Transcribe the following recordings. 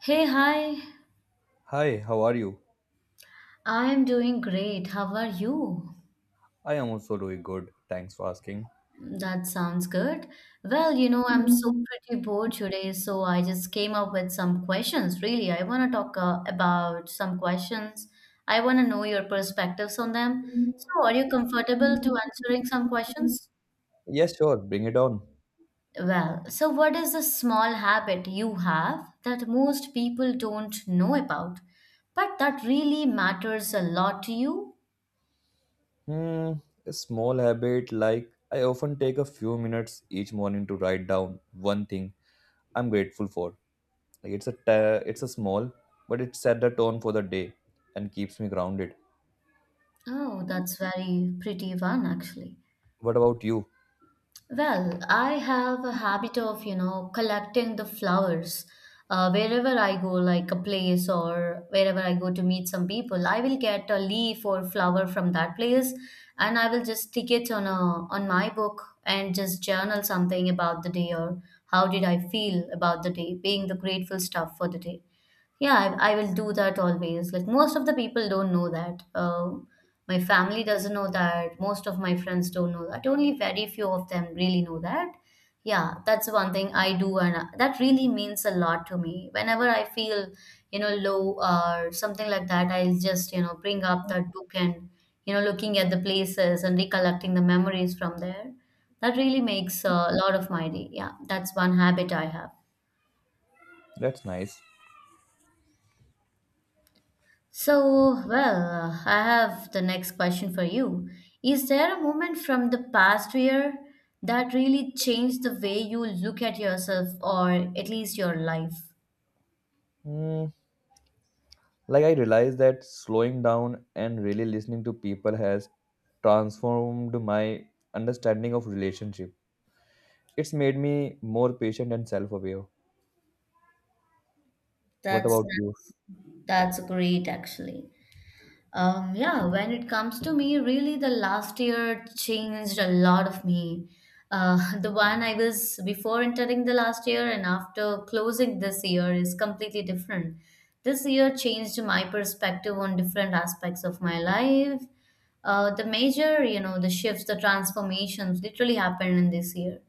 Hey, hi. Hi, how are you? I am doing great. How are you? I am also doing good. Thanks for asking. That sounds good. Well, I'm so pretty bored today, so I just came up with some questions. Really, I want to talk about some questions. I want to know your perspectives on them. So, are you comfortable to answering some questions? Yes, sure. Bring it on. Well, so what is a small habit you have that most people don't know about, but that really matters a lot to you? Hmm, a small habit like I often take a few minutes each morning to write down one thing I'm grateful for. It's a small, but it set the tone for the day and keeps me grounded. Oh, that's very pretty one actually. What about you? Well, I have a habit of, collecting the flowers. Wherever I go, like a place or wherever I go to meet some people, I will get a leaf or flower from that place, and I will just stick it on a on my book and just journal something about the day or how did I feel about the day, being the grateful stuff for the day. Yeah, I will do that always. Like most of the people don't know that. My family doesn't know that. Most of my friends don't know that. Only very few of them really know that. Yeah, that's one thing I do, and that really means a lot to me. Whenever I feel, low or something like that, I'll just, bring up that book and, looking at the places and recollecting the memories from there. That really makes a lot of my day. Yeah, that's one habit I have. That's nice. So, well, I have the next question for you. Is there a moment from the past year that really changed the way you look at yourself or at least your life? Hmm. Like I realized that slowing down and really listening to people has transformed my understanding of relationship. It's made me more patient and self-aware. What That's about you? that's, that's great actually. Yeah, when it comes to me, really the last year changed a lot of me. The one I was before entering the last year and after closing this year is completely different. This year changed my perspective on different aspects of my life. The major, the shifts, the transformations literally happened in this year.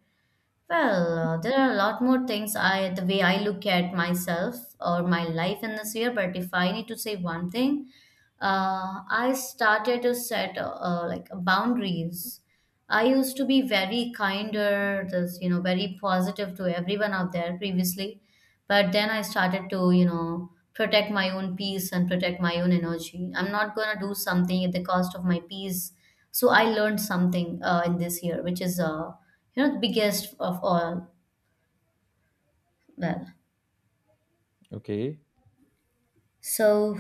Well, there are a lot more things the way I look at myself or my life in this year, but if I need to say one thing, I started to set like boundaries. I used to be very kinder, this very positive to everyone out there previously, but then I started to, you know, protect my own peace and protect my own energy. I'm not gonna do something at the cost of my peace. So I learned something in this year, which is you know, the biggest of all. Well, Okay. so,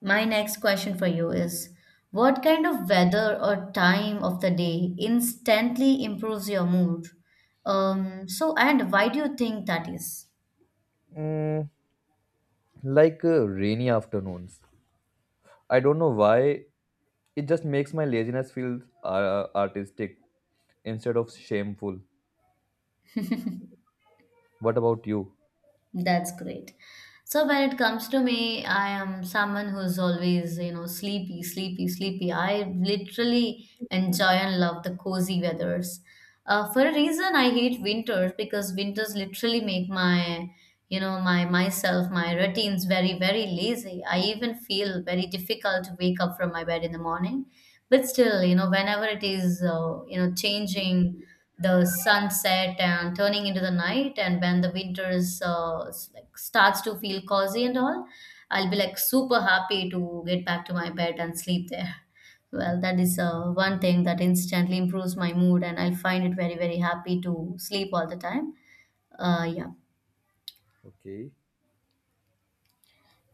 my next question for you is what kind of weather or time of the day instantly improves your mood? And why do you think that is? Mm, like rainy afternoons. I don't know why it just makes my laziness feel artistic instead of shameful. What about you? That's great. So when it comes to me, I am someone who's always, sleepy, sleepy, sleepy. I literally enjoy and love the cozy weathers. For a reason, I hate winters because winters literally make my, my myself, my routines very, very lazy. I even feel very difficult to wake up from my bed in the morning. But still, whenever it is, you know, changing the sunset and turning into the night and when the winter is like starts to feel cozy and all, I'll be like super happy to get back to my bed and sleep there. Well, that is one thing that instantly improves my mood, and I find it very, very happy to sleep all the time. Yeah. Okay.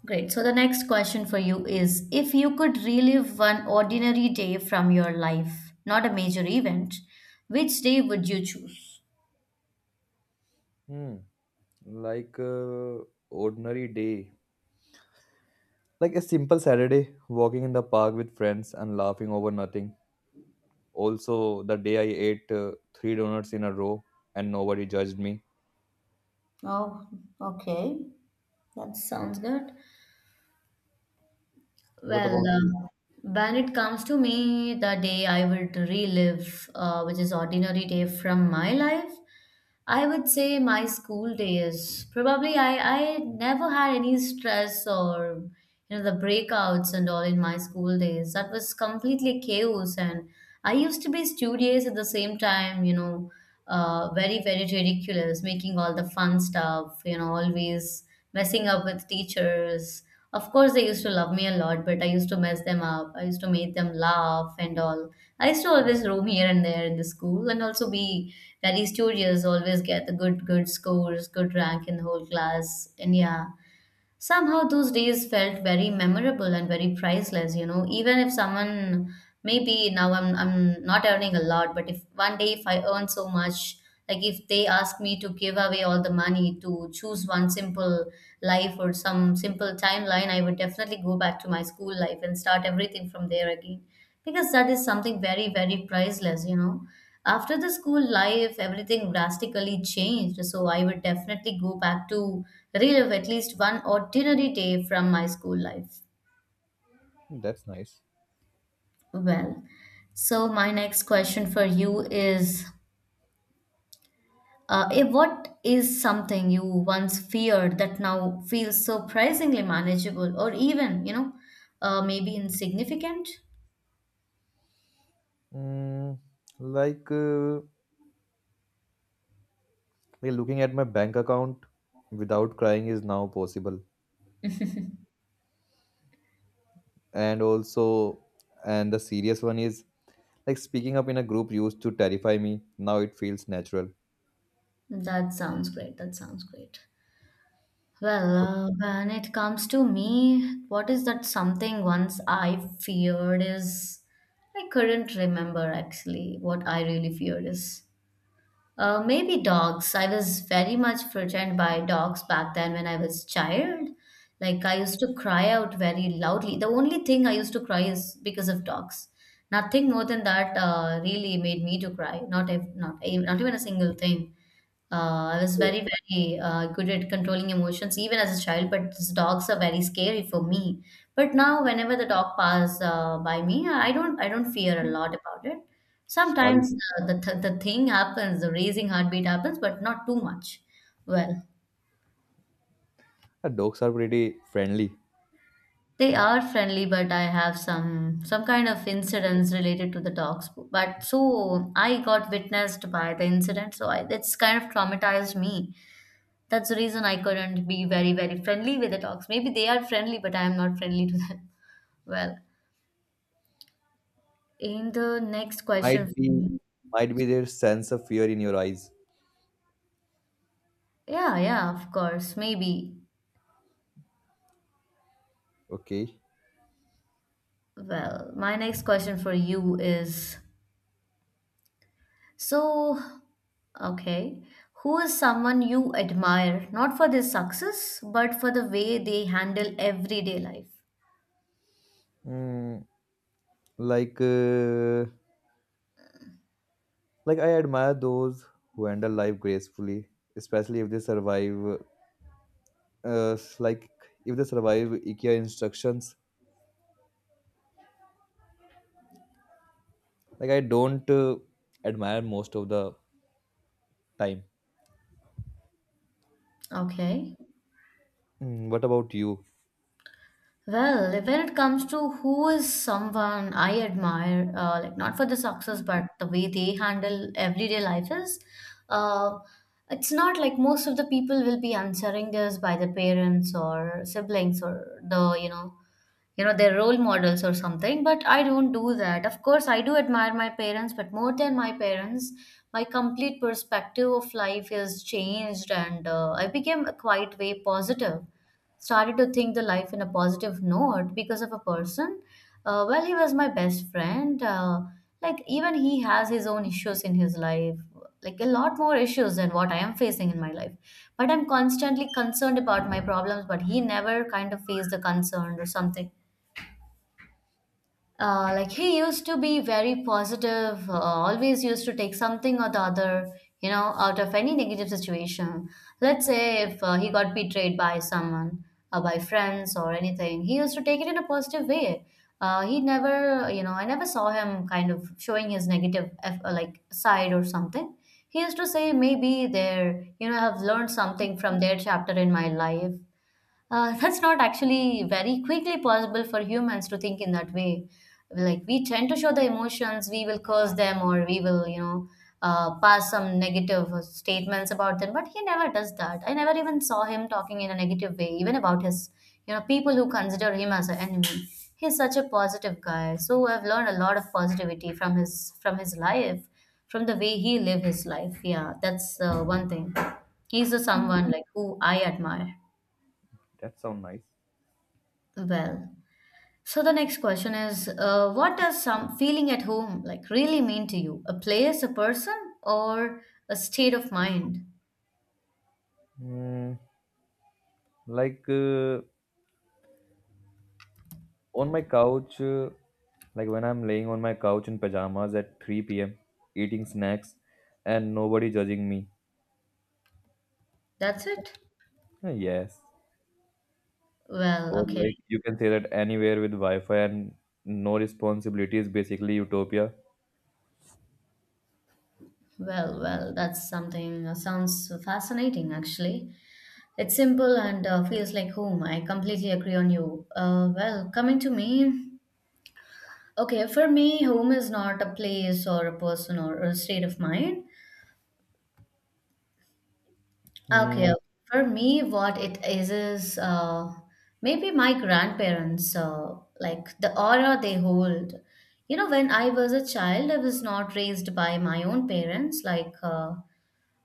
Great. So the next question for you is, if you could relive one ordinary day from your life, not a major event, which day would you choose? Hmm. Like uh, ordinary day. Like a simple Saturday, walking in the park with friends and laughing over nothing. Also, the day I ate three donuts in a row and nobody judged me. Oh, okay. That sounds good. What Well, about you? When it comes to me, the day I would relive, which is ordinary day from my life, I would say my school days. Probably I never had any stress or, you know, the breakouts and all in my school days. That was completely chaos, and I used to be studious at the same time, you know, very, very ridiculous, making all the fun stuff, always messing up with teachers. Of course, they used to love me a lot, but I used to mess them up. I used to make them laugh and all. I used to always roam here and there in the school and also be very studious, always get the good, good scores, good rank in the whole class. And yeah, somehow those days felt very memorable and very priceless, you know. Even if someone, maybe now I'm not earning a lot, but if one day if I earn so much, like if they ask me to give away all the money to choose one simple life or some simple timeline, I would definitely go back to my school life and start everything from there again. Because that is something very, very priceless, you know. After the school life, everything drastically changed. So I would definitely go back to relive at least one ordinary day from my school life. That's nice. Well, so my next question for you is, what is something you once feared that now feels surprisingly manageable or even, maybe insignificant? Mm, like, uh, like looking at my bank account without crying is now possible. And also, and the serious one is like speaking up in a group used to terrify me. Now it feels natural. That sounds great. That sounds great. But Well, when it comes to me, what is that something once I feared is, I couldn't remember actually what I really feared is. Maybe dogs. I was very much frightened by dogs back then when I was child. Like I used to cry out very loudly. The only thing I used to cry is because of dogs. Nothing more than that really made me to cry. Not if not ev- Not even a single thing. I was so, very, very good at controlling emotions even as a child. But these dogs are very scary for me. But now whenever the dog pass by me, I don't fear a lot about it. are, Sometimes the thing happens, the raising heartbeat happens, but not too much. Well, dogs are pretty friendly. they are friendly, but I have some kind of incidents related to the dogs. But so I got witnessed by the incident, so it's kind of traumatized me. That's the reason I couldn't be very, very friendly with the dogs. Maybe they are friendly, but I am not friendly to them. Well, in the next Might question, for be, me- might be their sense of fear in your eyes. yeah, yeah, of course, maybe. Okay. Well, my next question for you is. So, okay, who is someone you admire, not for their success, but for the way they handle everyday life? mm, like uh, like I admire those who handle life gracefully, especially if they survive, uh, like if they survive IKEA instructions. Like I don't admire most of the time. Okay. What about you? Well, like, when it comes to who is someone I admire, like not for the success, but the way they handle everyday life is, uh, it's not like most of the people will be answering this by the parents or siblings or the, you know, their role models or something, but I don't do that. Of course I do admire my parents, but more than my parents, my complete perspective of life has changed, and I became a quite way positive, started to think the life in a positive note because of a person. Well, he was my best friend. Like even he has his own issues in his life, like a lot more issues than what I am facing in my life. But I'm constantly concerned about my problems, but he never kind of faced the concern or something. Like he used to be very positive, always used to take something or the other, out of any negative situation. Let's say if he got betrayed by someone, by friends or anything, he used to take it in a positive way. He never, I never saw him kind of showing his negative like side or something. He used to say, maybe there, I have learned something from their chapter in my life, that's not actually very quickly possible for humans to think in that way. Like we tend to show the emotions, we will curse them or we will, pass some negative statements about them. But he never does that. I never even saw him talking in a negative way, even about his, people who consider him as an enemy. He's such a positive guy. So I've learned a lot of positivity from his life, from the way he lived his life. Yeah, that's one thing. He's a someone like who I admire. That sound nice. Well, so the next question is, what does some feeling at home like really mean to you? A place, a person, or a state of mind? mm, like uh, On my couch, like when I'm laying on my couch in pajamas at 3 p.m., eating snacks and nobody judging me. That's it. Yes. Well, Or okay. like you can say that anywhere with Wi Fi and no responsibility is basically utopia. Well, well, that's something sounds fascinating actually. It's simple and feels like home. I completely agree on you. Coming to me, okay, for me, home is not a place or a person or a state of mind. Okay, okay. Hmm. For me, what it is maybe my grandparents, like the aura they hold. You know, when I was a child, I was not raised by my own parents. Like, uh,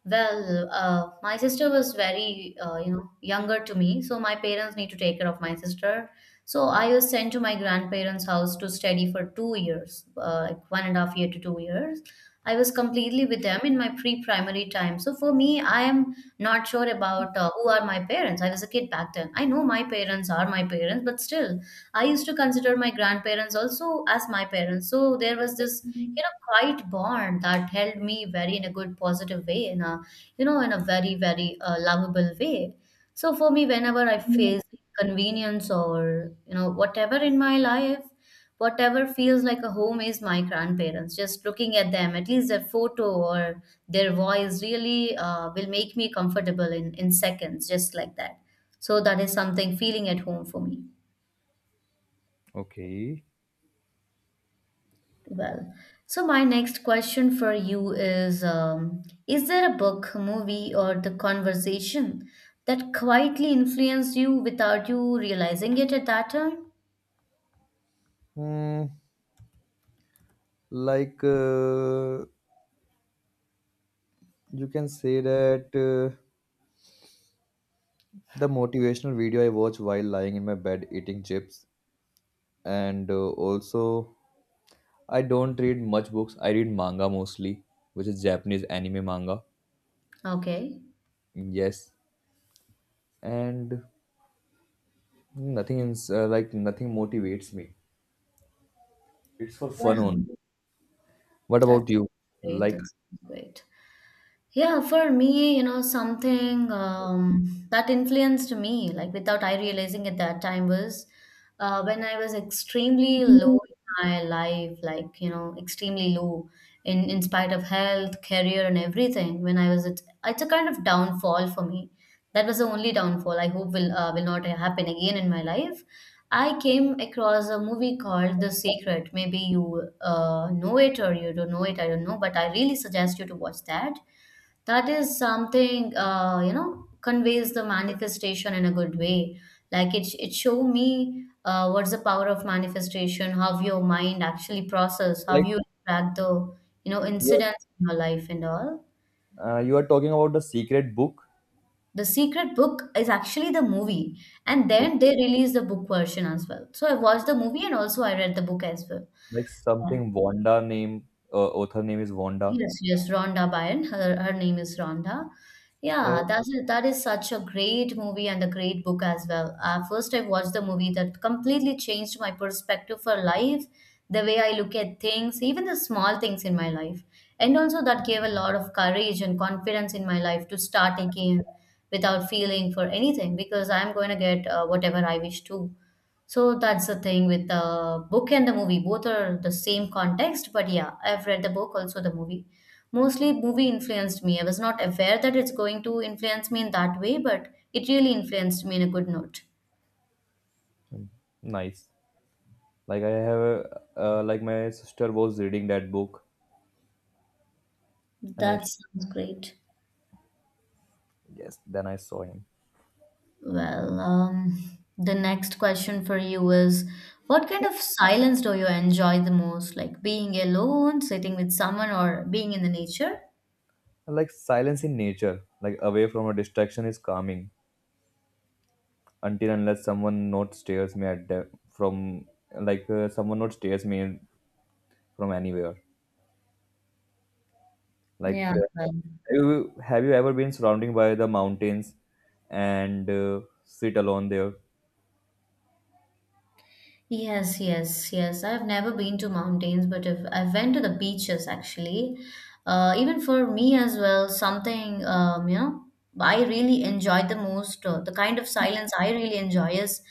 well, uh, My sister was very, younger to me, so my parents need to take care of my sister. So I was sent to my grandparents' house to study for 2 years, like 1.5 years to 2 years. I was completely with them in my pre-primary time. So for me, I am not sure about who are my parents. I was a kid back then. I know my parents are my parents, but still, I used to consider my grandparents also as my parents. So there was this, you know, quiet bond that held me very in a good, positive way, in a, in a very, very lovable way. So for me, whenever I face convenience or whatever in my life, whatever feels like a home is my grandparents, just looking at them, at least their photo or their voice really will make me comfortable in seconds, just like that. So that is something feeling at home for me. Okay. Well, so my next question for you is, is there a book, movie, or the conversation that quietly influenced you without you realizing it at that time? Hmm. Like uh, you can say that the motivational video I watch while lying in my bed eating chips, and also I don't read much books. I read manga mostly, which is Japanese anime manga. Okay, Yes, and nothing is like nothing motivates me. It's for fun only. yeah. What about That's you? great. Like, That's great. Yeah, for me, you know, something that influenced me, like without I realizing at that time, was when I was extremely low in my life, like, you know, extremely low in spite of health, career, and everything. When I was, at, it's a kind of downfall for me. That was the only downfall I hope will not happen again in my life. I came across a movie called The Secret. Maybe you know it or you don't know it, I don't know, but I really suggest you to watch that. That is something you know, conveys the manifestation in a good way. Like it show me what's the power of manifestation, how your mind actually process, how like you track the, you know, you incidents in your life and all. You are talking about the secret book. The secret book is actually the movie, and then they Okay. release the book version as well. So I watched the movie and also I read the book as well. Like Yeah. something Wanda name. Author name is Wanda. Yes, yes, Rhonda Byrne. Her name is Rhonda. Yeah, Yeah, that's a, that is such a great movie and a great book as well. First, I watched the movie that completely changed my perspective for life, the way I look at things, even the small things in my life, and also that gave a lot of courage and confidence in my life to start again without feeling for anything, because I'm going to get whatever I wish to. So that's the thing with the book and the movie. Both are the same context, but yeah, I've read the book, also the movie. Mostly, movie influenced me. I was not aware that it's going to influence me in that way, but it really influenced me in a good note. mm, nice. Like my sister was reading that book, and That sounds great. yes, then I saw him. Well, the next question for you is, what kind of silence do you enjoy the most? Like being alone, sitting with someone, or being in the nature? Like silence in nature, like away from a distraction is calming until unless someone not stares me at the, from, someone not stares me from anywhere. Like Yeah. Well, have you ever been surrounded by the mountains and sit alone there? yes, yes, yes. I've never been to mountains, but if I went to the beaches actually, even for me as well, something I really enjoy the most. The kind of silence I really enjoy is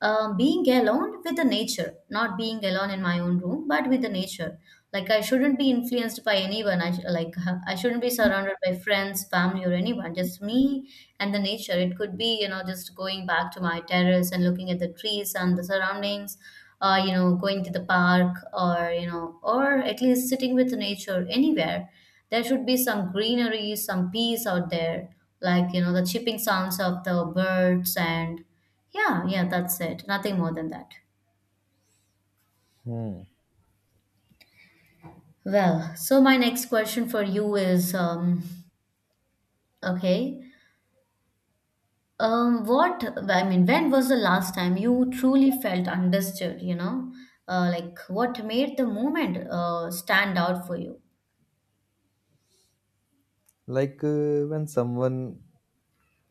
being alone with the nature, not being alone in my own room, but with the nature. Like I shouldn't be influenced by anyone. I sh- like I shouldn't be surrounded by friends, family, or anyone. Just me and the nature. It could be, you know, just going back to my terrace and looking at the trees and the surroundings. You know, going to the park or, you know, or at least sitting with the nature anywhere. There should be some greenery, some peace out there. Like you know, the chirping sounds of the birds and yeah, yeah, that's it. Nothing more than that. Hmm. Well, so my next question for you is, okay, what, I mean, when was the last time you truly felt understood, you know? Like what made the moment stand out for you? When someone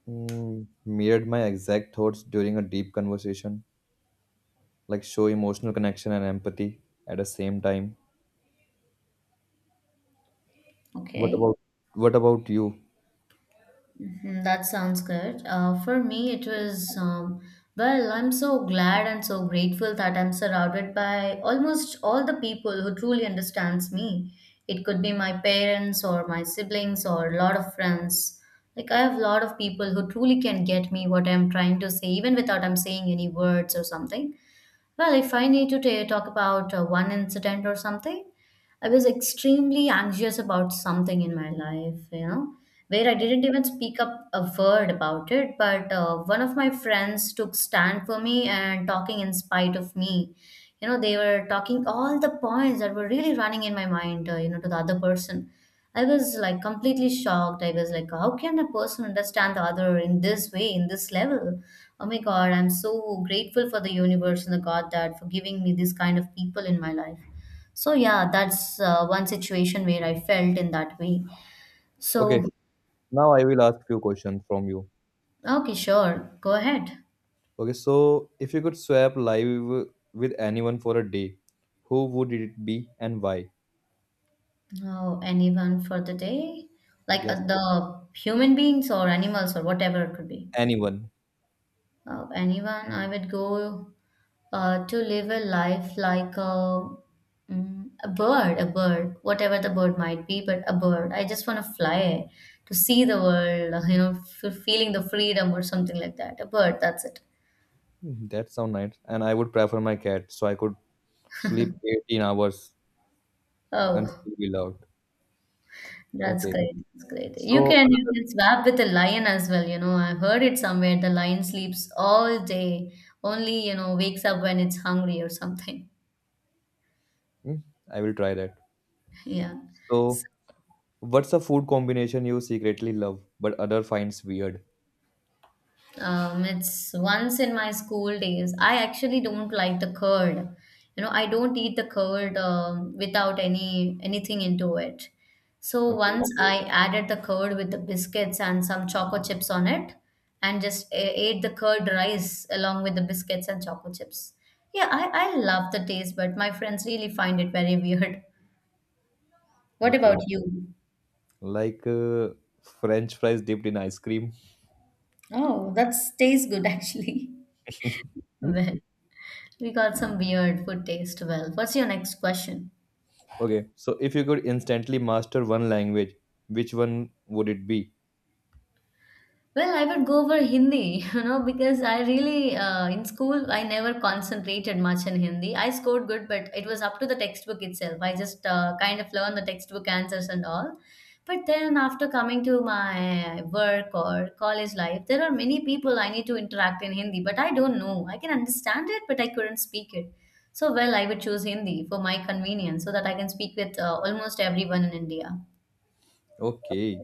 mirrored my exact thoughts during a deep conversation, like show emotional connection and empathy at the same time. What Okay. about what about you? Mhm, that sounds good. For me, it was, I'm so glad and so grateful that I'm surrounded by almost all the people who truly understands me. It could be my parents or my siblings or a lot of friends. Like I have a lot of people who truly can get me what I'm trying to say, even without I'm saying any words or something. Well, if I need to ta talk about one incident or something, I was extremely anxious about something in my life, you know, where I didn't even speak up a word about it. But one of my friends took stand for me and talking in spite of me. You know, they were talking all the points that were really running in my mind, to the other person. I was like completely shocked. I was like, how can a person understand the other in this way, in this level? Oh my God, I'm so grateful for the universe and the God that for giving me this kind of people in my life. So yeah, that's one situation where I felt in that way. Okay, So now I will ask few questions from you. okay, sure, go ahead. Okay, so if you could swap live with anyone for a day, who would it be and why? Oh, anyone for the day? Like Yes, the human beings or animals or whatever it could be. anyone. Anyone? I would go to live a life like a, a bird, whatever the bird might be, but a bird. I just want to fly to see the world, feeling the freedom or something like that. A bird, that's it. Mhm, that sounds nice. And I would prefer my cat, so I could sleep 18 hours and Oh, still be loved. that's Okay, great. That's great. You so can you can swap with a lion as well. You know, I heard it somewhere. The lion sleeps all day, only you know wakes up when it's hungry or something. mm, I will try that. Yeah. So, what's a food combination you secretly love but other finds weird? It's once in my school days. I actually don't like the curd. You know, I don't eat the curd without any anything into it. So Okay, once okay, I added the curd with the biscuits and some choco chips on it, and just ate the curd rice along with the biscuits and choco chips. Yeah, I love the taste, but my friends really find it very weird. What okay, about you? like uh, French fries dipped in ice cream. Oh, that's tastes good actually. Well. We got some weird food taste. Well, what's your next question? Okay, so if you could instantly master one language, which one would it be? Well, I would go for Hindi, you know, because I really, in school, I never concentrated much in Hindi. I scored good, but it was up to the textbook itself. I just kind of learned the textbook answers and all. But then after coming to my work or college life, there are many people I need to interact in Hindi, but I don't know. I can understand it, but I couldn't speak it. So, well, I would choose Hindi for my convenience so that I can speak with almost everyone in India. Okay,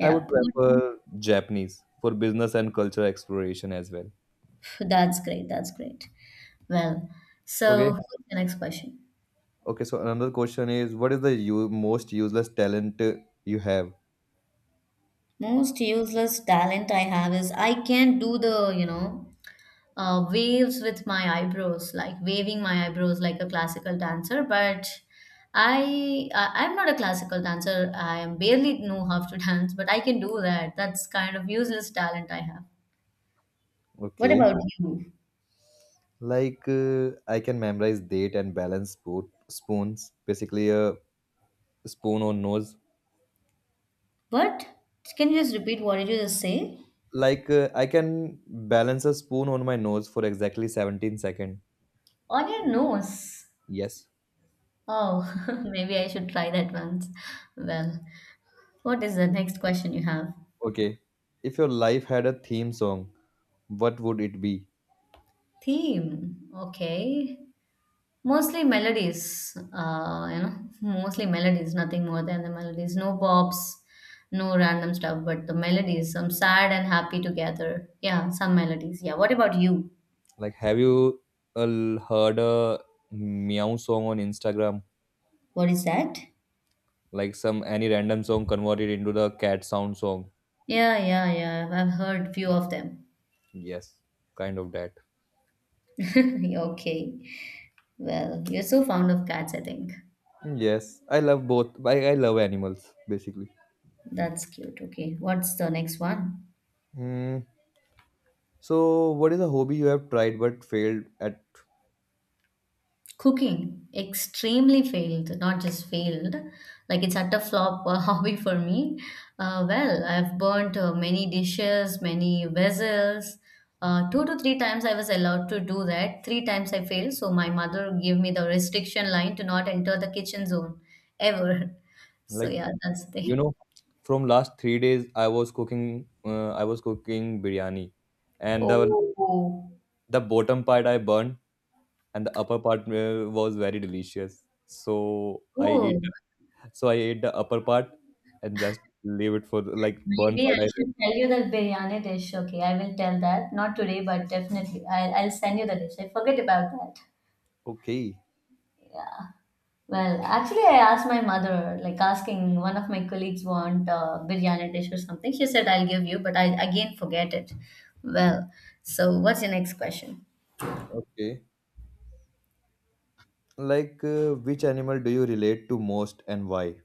I would prefer Japanese for business and cultural exploration as well. that's great. That's great. Well, Okay, so what's the next question? okay, so another question is what is the most useless talent you have? Most useless talent I have is I can do the, you know, waves with my eyebrows, like waving my eyebrows like a classical dancer, but I'm not a classical dancer. I am barely know how to dance, but I can do that. That's kind of useless talent I have. What Okay, about you? I can memorize date and balance spoon, spoons, basically a spoon on nose. What? Can you just repeat what did you just say? Like I can balance a spoon on my nose for exactly 17 seconds. On your nose. Yes. Oh, maybe I should try that once. Well, what is the next question you have? Okay, if your life had a theme song, what would it be? Theme. Okay. Mostly melodies. You know, mostly melodies, nothing more than the melodies. No bops, no random stuff, but the melodies, some sad and happy together. Yeah, some melodies. Yeah. What about you? Like, have you uh, heard a meow song on Instagram? What is that? Like some any random song converted into the cat sound song? Yeah, yeah, yeah. I've heard few of them. Yes, kind of that. Okay. Well, you're so fond of cats, I think. Yes, I love both. I love animals basically. That's cute. Okay. What's the next one? Hmm. So, what is a hobby you have tried but failed at? Cooking extremely failed, not just failed, like it's at a flop hobby for me. Well, I've burnt many dishes, many vessels. Two to three times I was allowed to do that. Three times I failed, so my mother gave me the restriction line to not enter the kitchen zone ever. So Like, yeah, that's the you thing. know, from last 3 days, I was cooking. I was cooking biryani, and the Oh, the bottom part I burned, and the upper part was very delicious. So I eat. oh, So I ate the upper part and just leave it for the, like burn maybe part. I I left. should tell you that biryani dish. Okay, I will tell that. Not today, but definitely. I'll send you the dish. I forget about that. Okay, Well, actually, I asked my mother, like asking one of my colleagues want biryani dish or something. She said, I'll give you, but I again forget it. Well, so what's your next question? okay. Like which animal do you relate to most and why?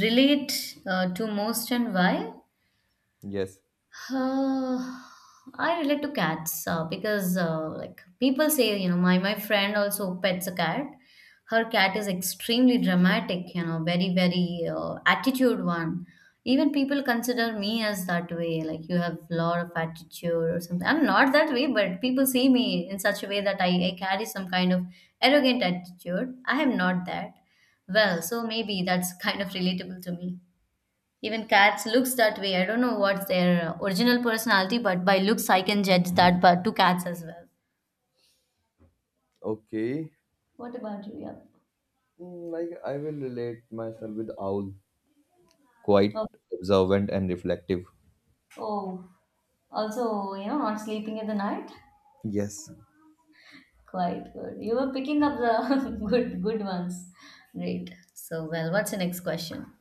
Relate to most and why? Yes. Uh, I relate to cats because like people say, you know, my friend also pets a cat. Her cat is extremely dramatic, you know, very very attitude one. Even people consider me as that way, like you have lot of attitude or something. I'm not that way, but people see me in such a way that I carry some kind of arrogant attitude. I am not that. Well, so maybe that's kind of relatable to me. Even cats looks that way. I don't know what's their original personality, but by looks I can judge that but to cats as well. Okay. What about you? Yeah. Like I will relate myself with owl. Quite Oh, observant and reflective. oh, also, you know, not sleeping in the night. Yes. Quite good. You were picking up the good ones. Great. So, well, what's the next question?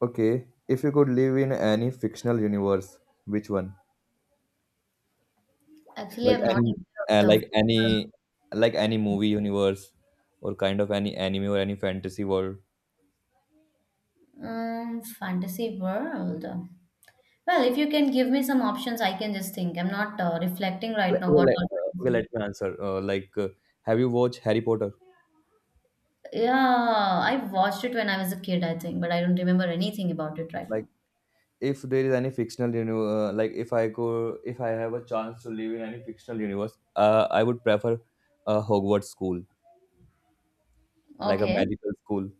Okay. If you could live in any fictional universe, which one? Actually, like I'm not any uh, aware of like any like any movie universe or kind of any anime or any fantasy world. the fantasy world. Well, if you can give me some options, I can just think. I'm not reflecting right like, now okay, what like, all. uh, okay let me answer have you watched Harry Potter? Yeah, I watched it when I was a kid, I think, but I don't remember anything about it right Like now. if there is any fictional universe, like if I could, if I have a chance to live in any fictional universe, I would prefer a Hogwarts school, like a Okay. magical school.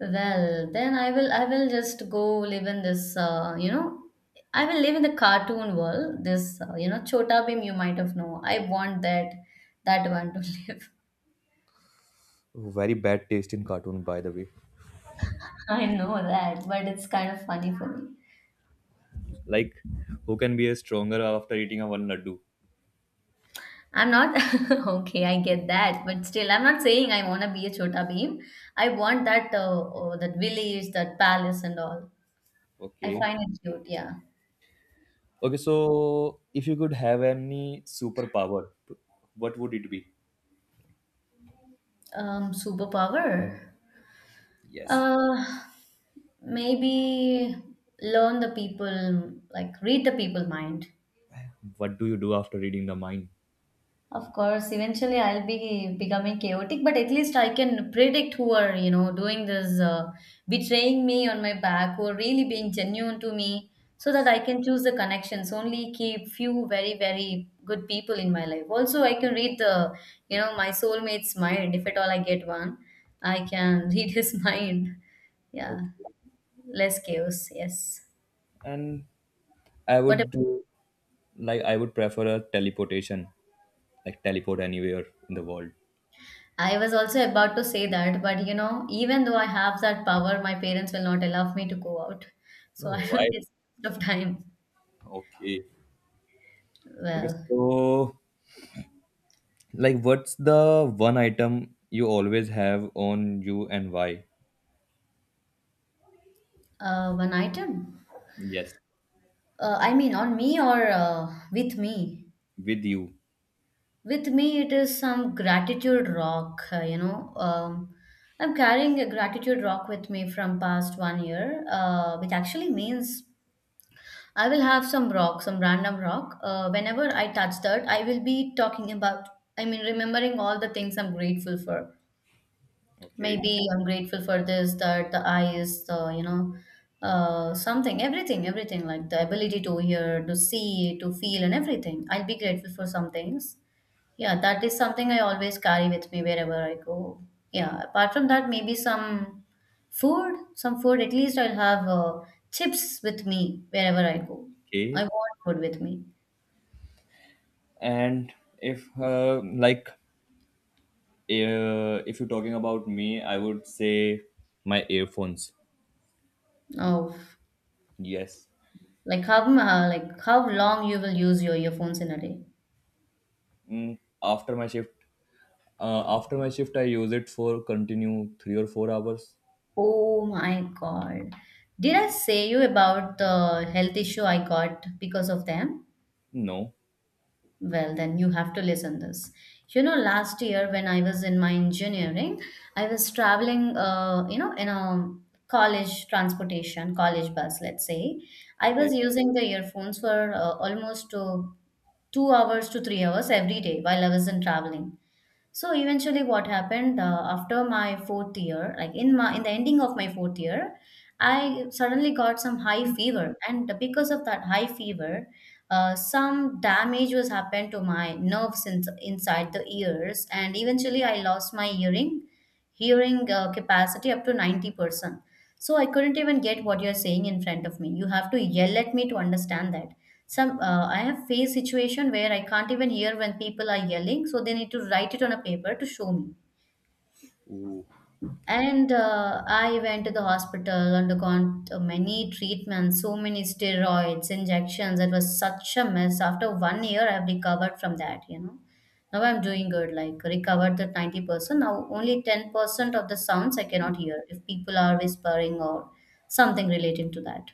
Well, then I will just go live in this, you know, I will live in the cartoon world. This you know, Chota Bhim you might have know. I want that one to live. Very bad taste in cartoon, by the way. I know that, but it's kind of funny for me. Like who can be a stronger after eating a one laddu. I'm not okay, I get that, but still I'm not saying I want to be a Chota Bhim. I want that oh, that village, that palace and all. I Okay. find it cute, yeah. Okay, so if you could have any superpower, what would it be? Superpower? Yes. Uh, Maybe learn the people, like read the people mind. What do you do after reading the mind? Of course, eventually I'll be becoming chaotic, but at least I can predict who are, you know, doing this, betraying me on my back or really being genuine to me so that I can choose the connections, only keep few very, very good people in my life. Also, I can read the, you know, my soulmate's mind. If at all I get one, I can read his mind. Yeah, Okay. less chaos. Yes. And I What would do, like I would prefer a teleportation, like teleport anywhere in the world. I was also about to say that, but you know, even though I have that power, my parents will not allow me to go out. So Oh, I why? don't waste of time. Okay. Okay, Well, so like what's the one item you always have on you and why? One item. Yes, I mean, on me or with me? with you. With me, it is some gratitude rock, you know. I'm carrying a gratitude rock with me from past 1 year, which actually means I will have some rock, some random rock. Whenever I touch that, I will be talking about, I mean, remembering all the things I'm grateful for. Okay. Maybe I'm grateful for this, that, the eyes, the, you know, something, everything, like the ability to hear, to see, to feel, and everything. I'll be grateful for some things. Yeah, that is something I always carry with me wherever I go. Yeah, apart from that, maybe some food. At least I'll have chips with me wherever I go. I Okay. want food with me. And if if you're talking about me, I would say my earphones. Oh, Yes. like like how long you will use your earphones in a day? Mm, after my shift, after my shift, I use it for continue 3 or 4 hours. Oh my God. Did I say you about the health issue I got because of them? No. Well, then you have to listen this. You know, last year when I was in my engineering, I was traveling, you know, in a college transportation, college bus, let's say. I Okay. was using the earphones for almost 2 hours to 3 hours every day while I was in traveling. So eventually, what happened after my fourth year, like in the ending of my fourth year, I suddenly got some high fever, and because of that high fever, some damage was happened to my nerves inside the ears, and eventually I lost my hearing capacity up to 90%. So I couldn't even get what you're saying in front of me. You have to yell at me to understand that. Some I have faced situation where I can't even hear when people are yelling, so they need to write it on a paper to show me. And I went to the hospital, undergone many treatments, so many steroids, injections. It was such a mess. After 1 year, I've recovered from that, you know. Now I'm doing good, like recovered the 90%. Now only 10% of the sounds I cannot hear if people are whispering or something relating to that.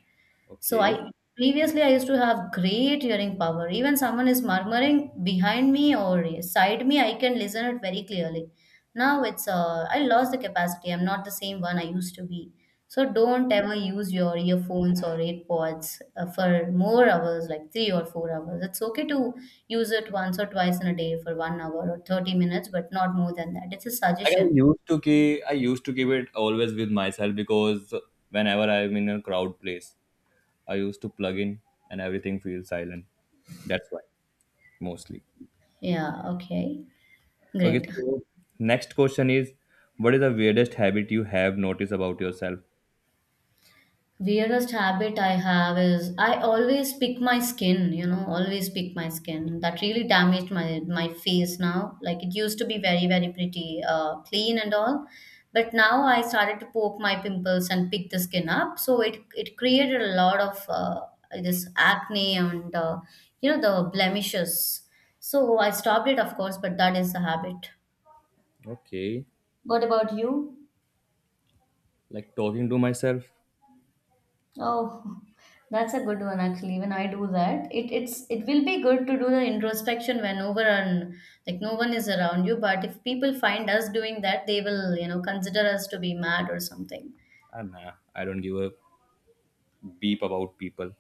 So Okay. I previously I used to have great hearing power. Even someone is murmuring behind me or side me, I can listen it very clearly. Now it's I lost the capacity. I'm not the same one I used to be. So don't ever use your earphones or AirPods for more hours, like 3 or 4 hours. It's okay to use it once or twice in a day for 1 hour or 30 minutes, but not more than that. It's a Like suggestion. I used to keep it always with myself because whenever I'm in a crowd place, I used to plug in and everything feels silent. That's why, mostly. Yeah, okay. Okay. Great. So next question is, what is the weirdest habit you have noticed about yourself? Weirdest habit I have is I always pick my skin, you know, always pick my skin. That really damaged my face now. Like it used to be very, very pretty, clean and all. But now I started to poke my pimples and pick the skin up. So it created a lot of this acne and you know the blemishes. So I stopped it, of course, but that is the habit. Okay. What about you? Like talking to myself. Oh, that's a good one actually. When I do that, it will be good to do the introspection whenever and like no one is around you. But if people find us doing that, they will, you know, consider us to be mad or something. And nah, I don't give a beep about people.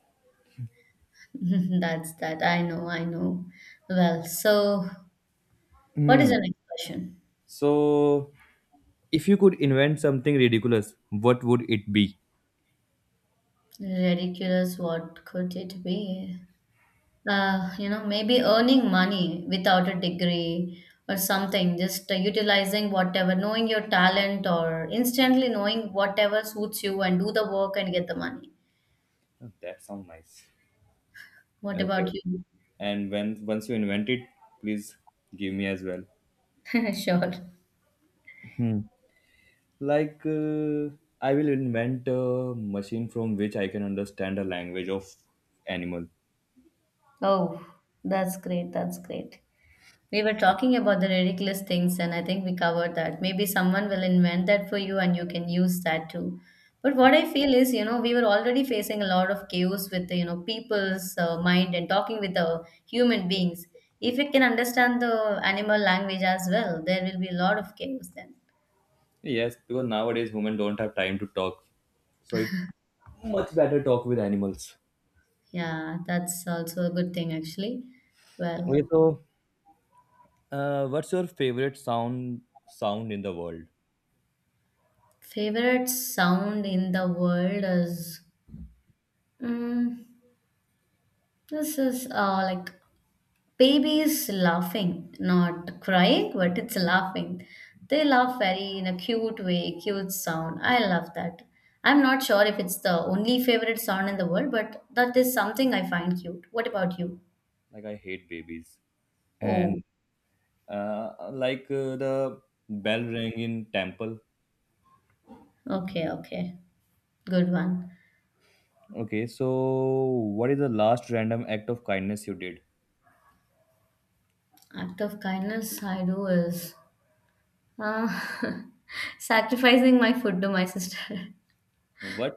That's that. I know, I know. Well, so what is Hmm. the next question? So if you could invent something ridiculous, what would it be? Ridiculous, what could it be? You know, maybe earning money without a degree or something, just utilizing whatever, knowing your talent or instantly knowing whatever suits you and do the work and get the money. Oh, that sounds nice. What Okay, about you? and when once you invent it, please give me as well. Sure. Hmm. Like I will invent a machine from which I can understand the language of animal. Oh, that's great. That's great. We were talking about the ridiculous things, and I think we covered that. Maybe someone will invent that for you and you can use that too. But what I feel is, you know, we were already facing a lot of chaos with, the, you know, people's mind and talking with the human beings. If we can understand the animal language as well, there will be a lot of chaos then. Yes, because nowadays women don't have time to talk, so it much better talk with animals. Yeah, that's also a good thing actually. Okay, Well, so what's your favorite sound in the world? favorite sound in the world is mm, this is like Baby is laughing, not crying, but it's laughing. They laugh very in a cute way, cute sound. I love that. I'm not sure if it's the only favorite sound in the world, but that is something I find cute. What about you? Like I hate babies. And Oh, the bell ring in temple. okay, okay. Good one. Okay, so what is the last random act of kindness you did? Act of kindness I do is uh, sacrificing my food to my sister. What?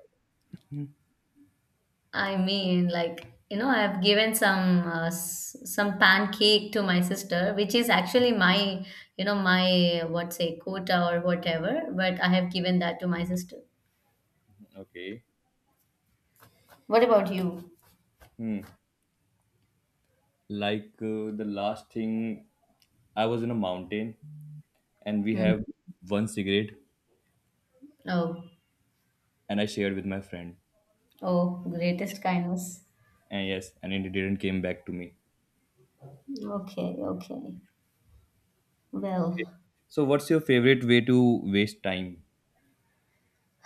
I mean, like, you know, I've given some pancake to my sister, which is actually my, you know, my what say quota or whatever, but I have given that to my sister. Okay. What about you? Hmm. Like the last thing, I was in a mountain and we Hmm. have one cigarette Oh, and I shared with my friend. oh, greatest kindness. And yes, and it didn't came back to me. Okay, okay. Okay. Well. So what's your favorite way to waste time?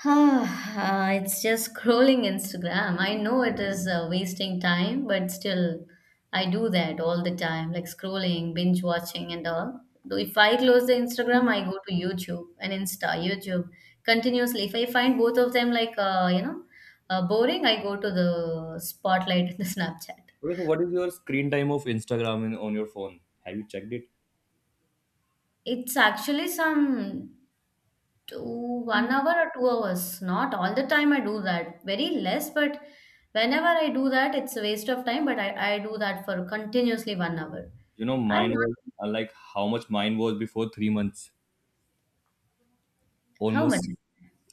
Ah, it's just scrolling Instagram. I know it is wasting time, but still, I do that all the time, like scrolling, binge watching, and all. Though if I close the Instagram, I go to YouTube and Insta, YouTube continuously. If I find both of them like boring, I go to the Spotlight in the Snapchat. Okay, so what is your screen time of Instagram in, on your phone? Have you checked it? It's actually some to 1 hour or 2 hours. Not all the time I do that. Very less, but whenever I do that, it's a waste of time. But I do that for continuously 1 hour. You know, I mine was not how much mine was before 3 months, how much? almost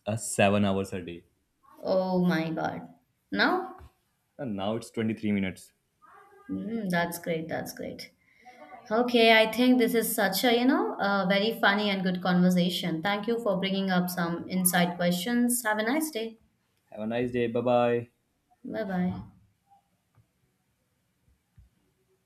7 hours a day, Oh my God. Now? and now it's 23 minutes. Mm, that's great. That's great. Okay, I think this is such a very funny and good conversation. Thank you for bringing up some inside questions. Have a nice day. Have a nice day. Bye bye. Bye bye.